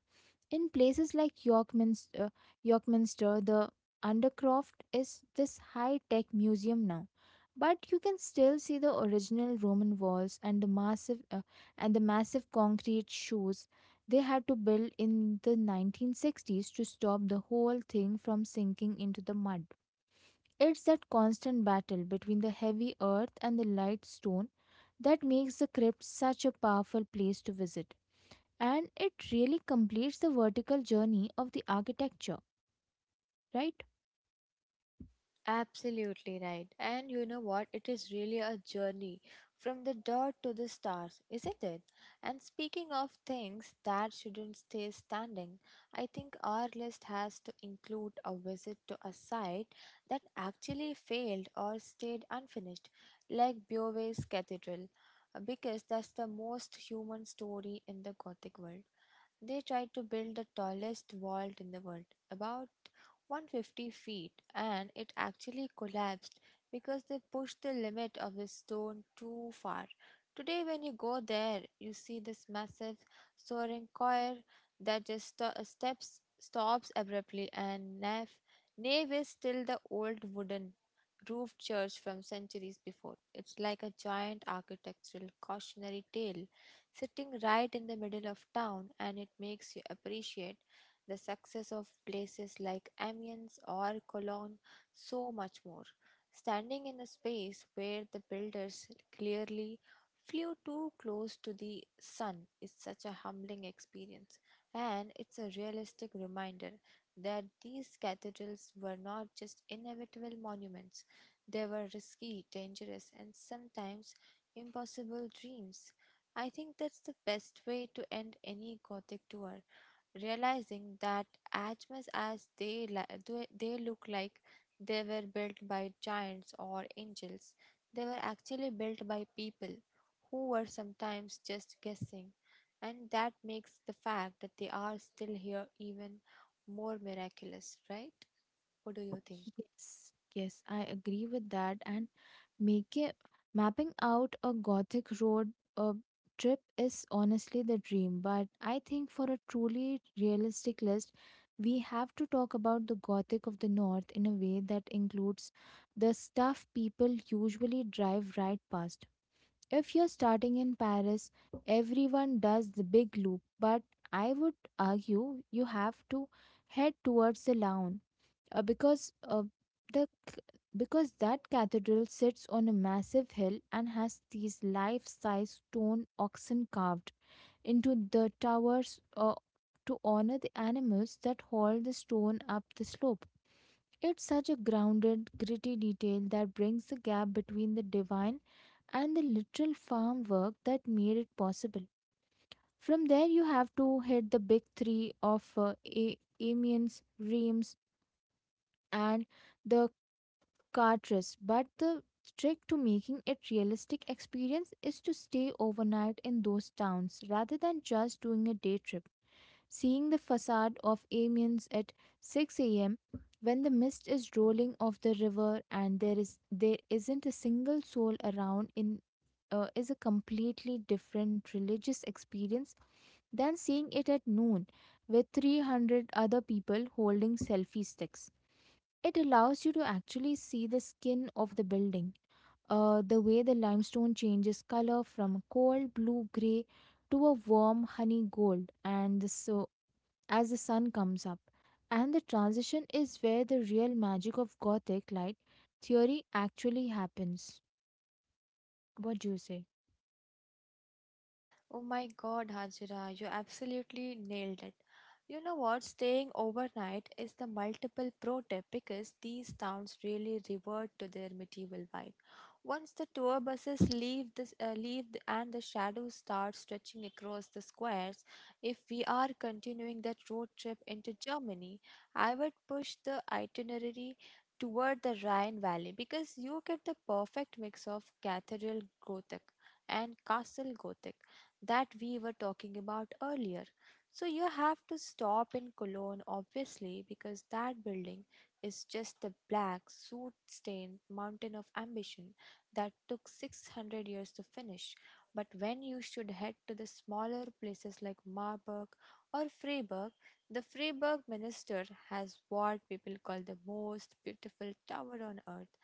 [SPEAKER 1] In places like Yorkminster, the Undercroft is this high-tech museum now, but you can still see the original Roman walls and the massive concrete shoes they had to build in the 1960s to stop the whole thing from sinking into the mud. It's that constant battle between the heavy earth and the light stone that makes the crypt such a powerful place to visit, and it really completes the vertical journey of the architecture, right?
[SPEAKER 2] Absolutely right. And you know what? It is really a journey from the dirt to the stars, isn't it? And speaking of things that shouldn't stay standing, I think our list has to include a visit to a site that actually failed or stayed unfinished, like Beauvais Cathedral, because that's the most human story in the Gothic world. They tried to build the tallest vault in the world, about 150 feet, and it actually collapsed because they pushed the limit of the stone too far. Today, when you go there, you see this massive soaring choir that just sto- steps stops abruptly, and nave is still the old wooden roofed church from centuries before. It's like a giant architectural cautionary tale sitting right in the middle of town, and it makes you appreciate the success of places like Amiens or Cologne so much more. Standing in a space where the builders clearly flew too close to the sun is such a humbling experience, and it's a realistic reminder that these cathedrals were not just inevitable monuments, they were risky, dangerous, and sometimes impossible dreams. I think that's the best way to end any Gothic tour, realizing that as much as they look like they were built by giants or angels, they were actually built by people who were sometimes just guessing, and that makes the fact that they are still here even more miraculous, right? What do you think?
[SPEAKER 1] Yes, yes, I agree with that. And make it, mapping out a Gothic road uh, trip is honestly the dream. But I think for a truly realistic list, we have to talk about the Gothic of the North in a way that includes the stuff people usually drive right past. If you're starting in Paris, everyone does the big loop, but I would argue you have to head towards the Laon because the c- because that cathedral sits on a massive hill and has these life-size stone oxen carved into the towers to honor the animals that haul the stone up the slope. It's such a grounded, gritty detail that brings the gap between the divine and the literal farm work that made it possible. From there, you have to hit the big three of Amiens, Reims, and the Cartres. But the trick to making it realistic experience is to stay overnight in those towns rather than just doing a day trip. Seeing the facade of Amiens at 6 a.m. when the mist is rolling off the river and there isn't a single soul around in is a completely different religious experience than seeing it at noon with 300 other people holding selfie sticks. It allows you to actually see the skin of the building, the way the limestone changes color from cold blue gray to a warm honey gold, and the so as the sun comes up. And the transition is where the real magic of Gothic light theory actually happens. What do you say?
[SPEAKER 2] Oh my god, Hajira, you absolutely nailed it. You know what? Staying overnight is the multiple pro tip because these towns really revert to their medieval vibe. Once the tour buses leave, and the shadows start stretching across the squares, if we are continuing that road trip into Germany, I would push the itinerary toward the Rhine Valley because you get the perfect mix of cathedral Gothic and castle Gothic that we were talking about earlier. So you have to stop in Cologne, obviously, because that building is just the black, soot stained mountain of ambition that took 600 years to finish. But when you should head to the smaller places like Marburg or Freiburg, the Freiburg Minister has what people call the most beautiful tower on earth,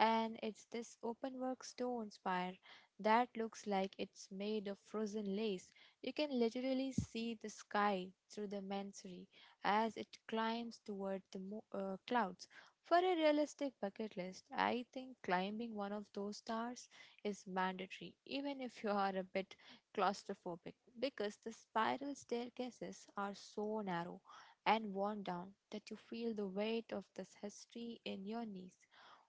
[SPEAKER 2] and it's this open work stone spire that looks like it's made of frozen lace. You can literally see the sky through the mansory as it climbs toward the clouds. For a realistic bucket list, I think climbing one of those stars is mandatory, even if you are a bit claustrophobic, because the spiral staircases are so narrow and worn down that you feel the weight of this history in your knees.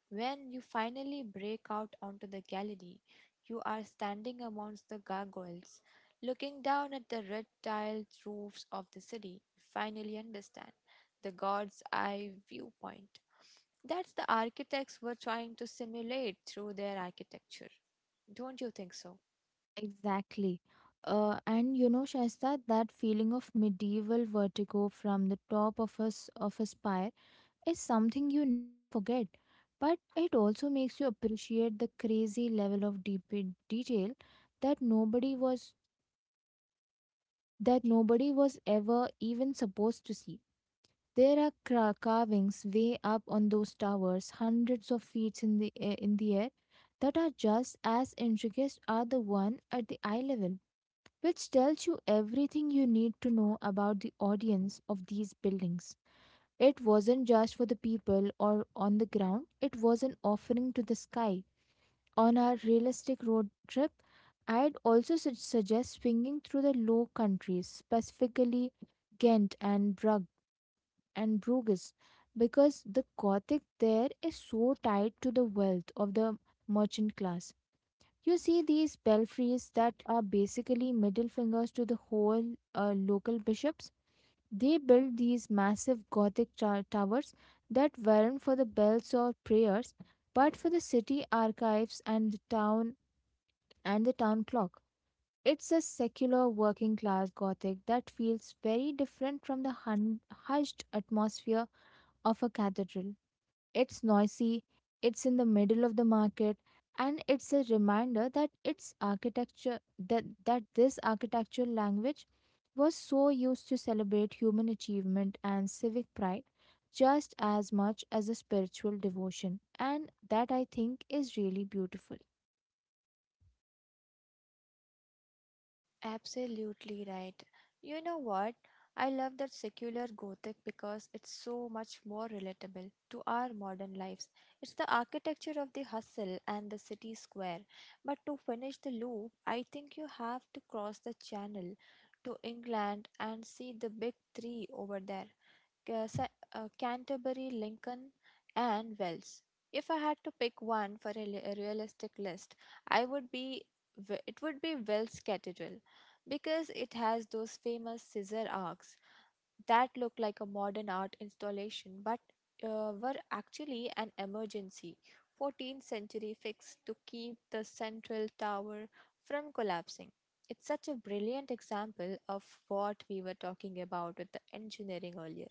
[SPEAKER 2] When you finally break out onto the gallery, you are standing amongst the gargoyles, looking down at the red tiled roofs of the city. You finally understand the god's eye viewpoint. That's the architects were trying to simulate through their architecture. Don't you think so?
[SPEAKER 1] Exactly. And you know, Shaista, that feeling of medieval vertigo from the top of of a spire is something you never forget. But it also makes you appreciate the crazy level of deep detail that nobody was that nobody was ever even supposed to see. There are carvings way up on those towers, hundreds of feet in the air, that are just as intricate as the one at the eye level, which tells you everything you need to know about the audience of these buildings. It wasn't just for the people or on the ground; it was an offering to the sky. On our realistic road trip, I'd also suggest swinging through the Low Countries, specifically Ghent and Brugg and Bruges because the Gothic there is so tied to the wealth of the merchant class. You see these belfries that are basically middle fingers to the whole local bishops. They built these massive Gothic towers that weren't for the bells or prayers, but for the city archives and the town clock. It's a secular working class Gothic that feels very different from the hushed atmosphere of a cathedral. It's noisy, it's in the middle of the market, and it's a reminder that this architectural language was so used to celebrate human achievement and civic pride just as much as a spiritual devotion, and that I think is really beautiful.
[SPEAKER 2] Absolutely right. You know what? I love that secular Gothic because it's so much more relatable to our modern lives. It's the architecture of the hustle and the city square. But to finish the loop, I think you have to cross the channel to England and see the big three over there. Canterbury, Lincoln, and Wells. If I had to pick one for a realistic list, I would be Ve- it would be Wells Cathedral because it has those famous scissor arcs that looked like a modern art installation but were actually an emergency 14th century fix to keep the central tower from collapsing. It's such a brilliant example of what we were talking about with the engineering earlier.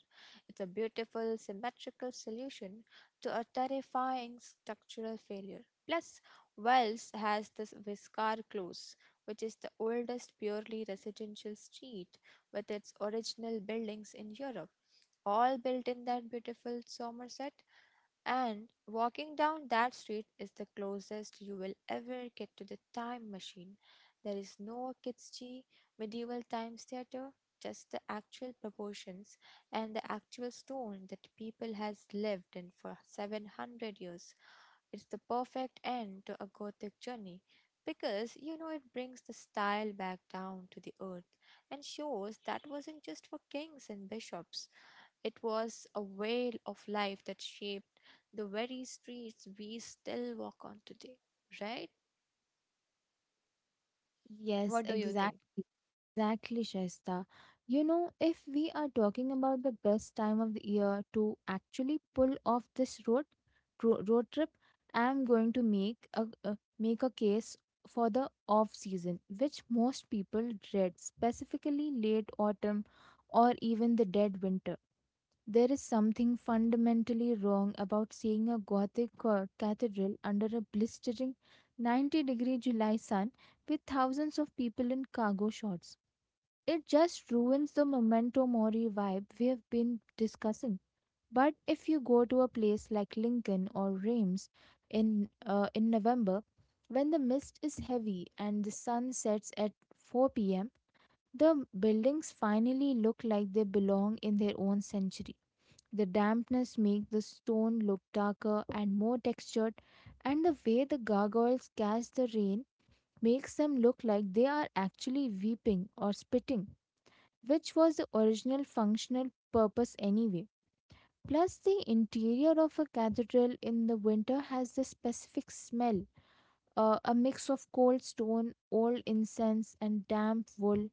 [SPEAKER 2] It's a beautiful, symmetrical solution to a terrifying structural failure. Plus, Wells has this Viscar Close, which is the oldest purely residential street with its original buildings in Europe, all built in that beautiful Somerset. And walking down that street is the closest you will ever get to the time machine. There is no kitschy medieval times theater, just the actual proportions and the actual stone that people has lived in for 700 years. It's the perfect end to a Gothic journey because you know it brings the style back down to the earth and shows that wasn't just for kings and bishops. It was a way of life that shaped the very streets we still walk on today, right?
[SPEAKER 1] Yes,
[SPEAKER 2] What do you think?
[SPEAKER 1] exactly. Exactly, Shaista. You know, if we are talking about the best time of the year to actually pull off this road trip, I'm going to make a case for the off season, which most people dread, specifically late autumn or even the dead winter. There is something fundamentally wrong about seeing a Gothic cathedral under a blistering 90-degree July sun with thousands of people in cargo shorts. It just ruins the memento mori vibe we have been discussing. But if you go to a place like Lincoln or Reims in November, when the mist is heavy and the sun sets at 4 p.m., the buildings finally look like they belong in their own century. The dampness makes the stone look darker and more textured, and the way the gargoyles catch the rain makes them look like they are actually weeping or spitting, which was the original functional purpose anyway. Plus, the interior of a cathedral in the winter has the specific smell, a mix of cold stone, old incense, and damp wool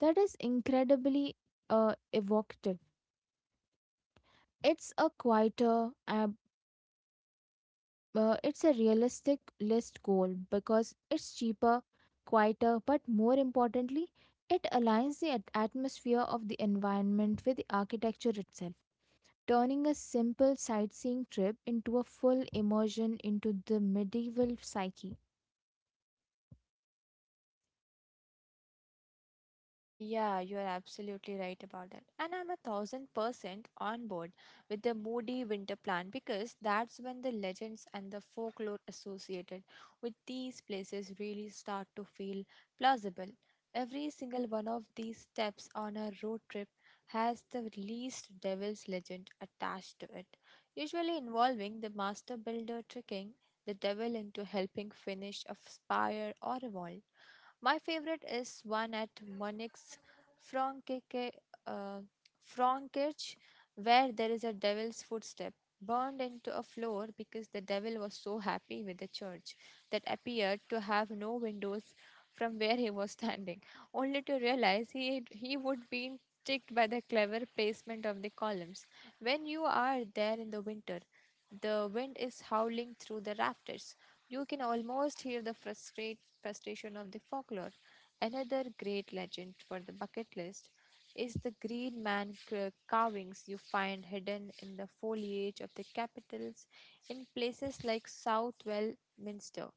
[SPEAKER 1] that is incredibly evocative. It's a quieter it's a realistic list goal because it's cheaper, quieter, but more importantly, it aligns the atmosphere of the environment with the architecture itself, turning a simple sightseeing trip into a full immersion into the medieval psyche.
[SPEAKER 2] Yeah, you're absolutely right about that. And I'm 1000% on board with the moody winter plan because that's when the legends and the folklore associated with these places really start to feel plausible. Every single one of these steps on a road trip has the least devil's legend attached to it, usually involving the master builder tricking the devil into helping finish a spire or a wall. My favorite is one at Monix Frankike, uh, Frankirch, where there is a devil's footstep burned into a floor because the devil was so happy with the church that appeared to have no windows from where he was *laughs* standing only to realize he would be tricked by the clever placement of the columns. When you are there in the winter, the wind is howling through the rafters. You can almost hear the frustration of the folklore. Another great legend for the bucket list is the green man carvings you find hidden in the foliage of the capitals in places like Southwell Minster.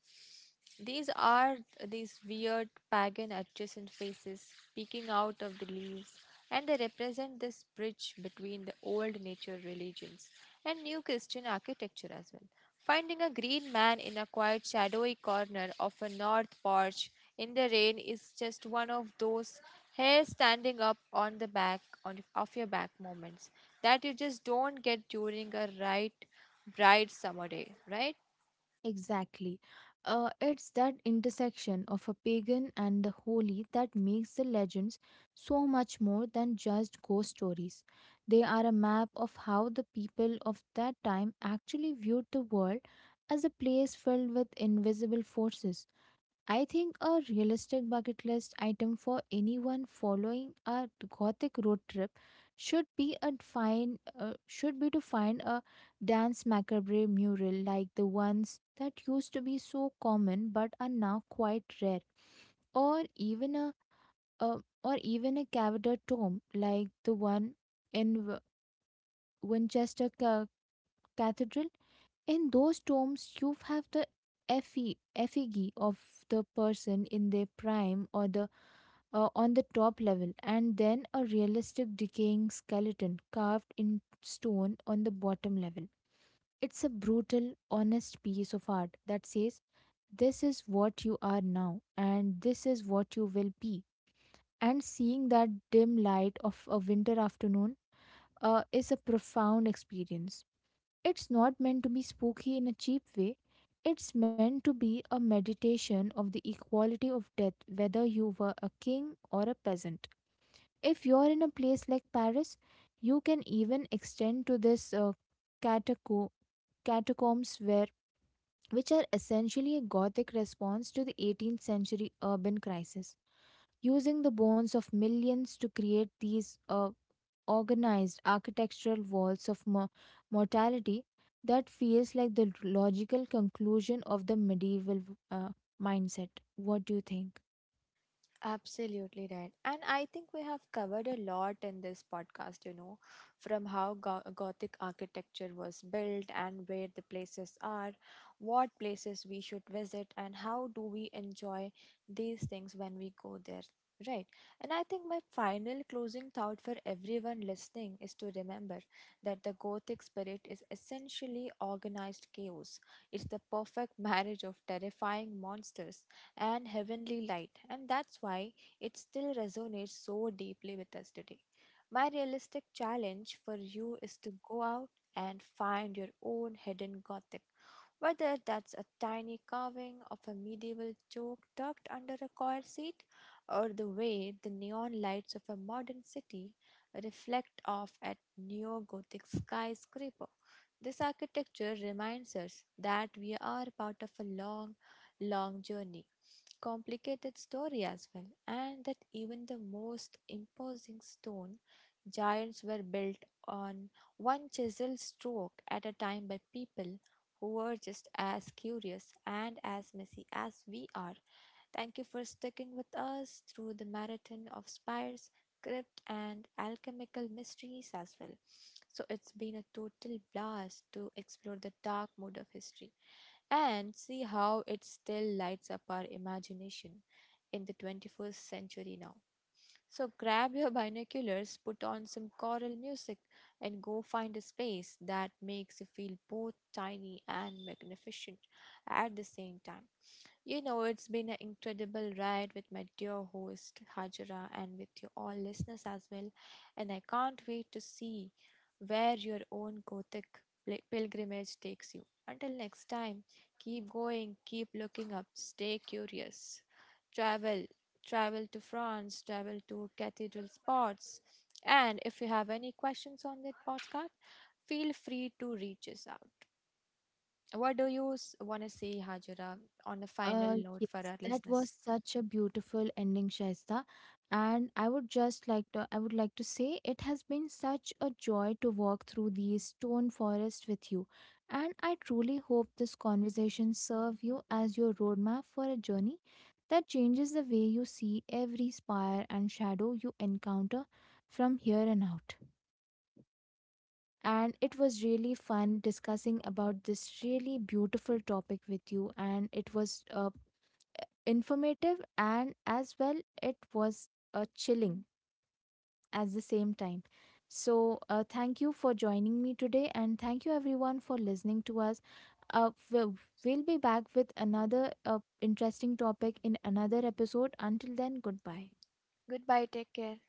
[SPEAKER 2] These are these weird pagan adjacent faces peeking out of the leaves, and they represent this bridge between the old nature religions and new Christian architecture as well. Finding a green man in a quiet, shadowy corner of a north porch in the rain is just one of those hair standing up on the back on, of your back moments that you just don't get during a bright summer day, right?
[SPEAKER 1] Exactly. It's that intersection of a pagan and the holy that makes the legends so much more than just ghost stories. They are a map of how the people of that time actually viewed the world as a place filled with invisible forces. I think a realistic bucket list item for anyone following a gothic road trip should be to find a dance macabre mural like the ones that used to be so common but are now quite rare, or even a cavator tomb like the one in Winchester Cathedral. In those tombs, you have the effigy of the person in their prime or the on the top level, and then a realistic decaying skeleton carved in stone on the bottom level. It's a brutal, honest piece of art that says, "This is what you are now, and this is what you will be." And seeing that dim light of a winter afternoon is a profound experience. It's not meant to be spooky in a cheap way. It's meant to be a meditation of the equality of death, whether you were a king or a peasant. If you're in a place like Paris, you can even extend to cataco- catacombs, where which are essentially a gothic response to the 18th century urban crisis using the bones of millions to create these organized architectural walls of mortality that feels like the logical conclusion of the medieval uh, mindset. What do you think?
[SPEAKER 2] Absolutely right. And I think we have covered a lot in this podcast, you know, from how Gothic architecture was built and where the places are, what places we should visit, and how do we enjoy these things when we go there. Right. And I think my final closing thought for everyone listening is to remember that the Gothic spirit is essentially organized chaos. It's the perfect *laughs* marriage of terrifying monsters and heavenly light, and that's why it still resonates so deeply with us today. My realistic challenge for you is to go out and find your own hidden Gothic. Whether that's a tiny carving of a medieval joke tucked under a coir seat, or the way the neon lights of a modern city reflect off at neo-gothic skyscraper. This architecture reminds us that we are part of a long, long journey, complicated story as well, and that even the most imposing stone giants were built on one chisel stroke at a time by people who were just as curious and as messy as we are. Thank you for sticking with us through the marathon of spires, crypt, and alchemical mysteries as well. So, it's been a total blast to explore the dark mode of history and see how it still lights up our imagination in the 21st century now. So, grab your binoculars, put on some choral music, and go find a space that makes you feel both tiny and magnificent at the same time. You know, it's been an incredible ride with my dear host Hajra and with you all listeners as well. And I can't wait to see where your own Gothic pilgrimage takes you. Until next time, keep going, keep looking up, stay curious. Travel, travel to France, travel to cathedral spots. And if you have any questions on this podcast, feel free to reach us out. What do you want to say, Hajira, on a final note for
[SPEAKER 1] Yes,
[SPEAKER 2] our
[SPEAKER 1] that was
[SPEAKER 2] listeners?
[SPEAKER 1] such a beautiful ending, Shaista. And I would just like I would like to say it has been such a joy to walk through these stone forests with you. And I truly hope this conversation serve you as your roadmap for a journey that changes the way you see every spire and shadow you encounter from here and out. And it was really fun discussing about this really beautiful topic with you. And it was a informative, and as well it was chilling at the same time, so thank you for joining me today, and thank you everyone for listening to us. uh, we'll, we'll be back with another interesting topic in another episode. Until then, goodbye.
[SPEAKER 2] Goodbye, take care.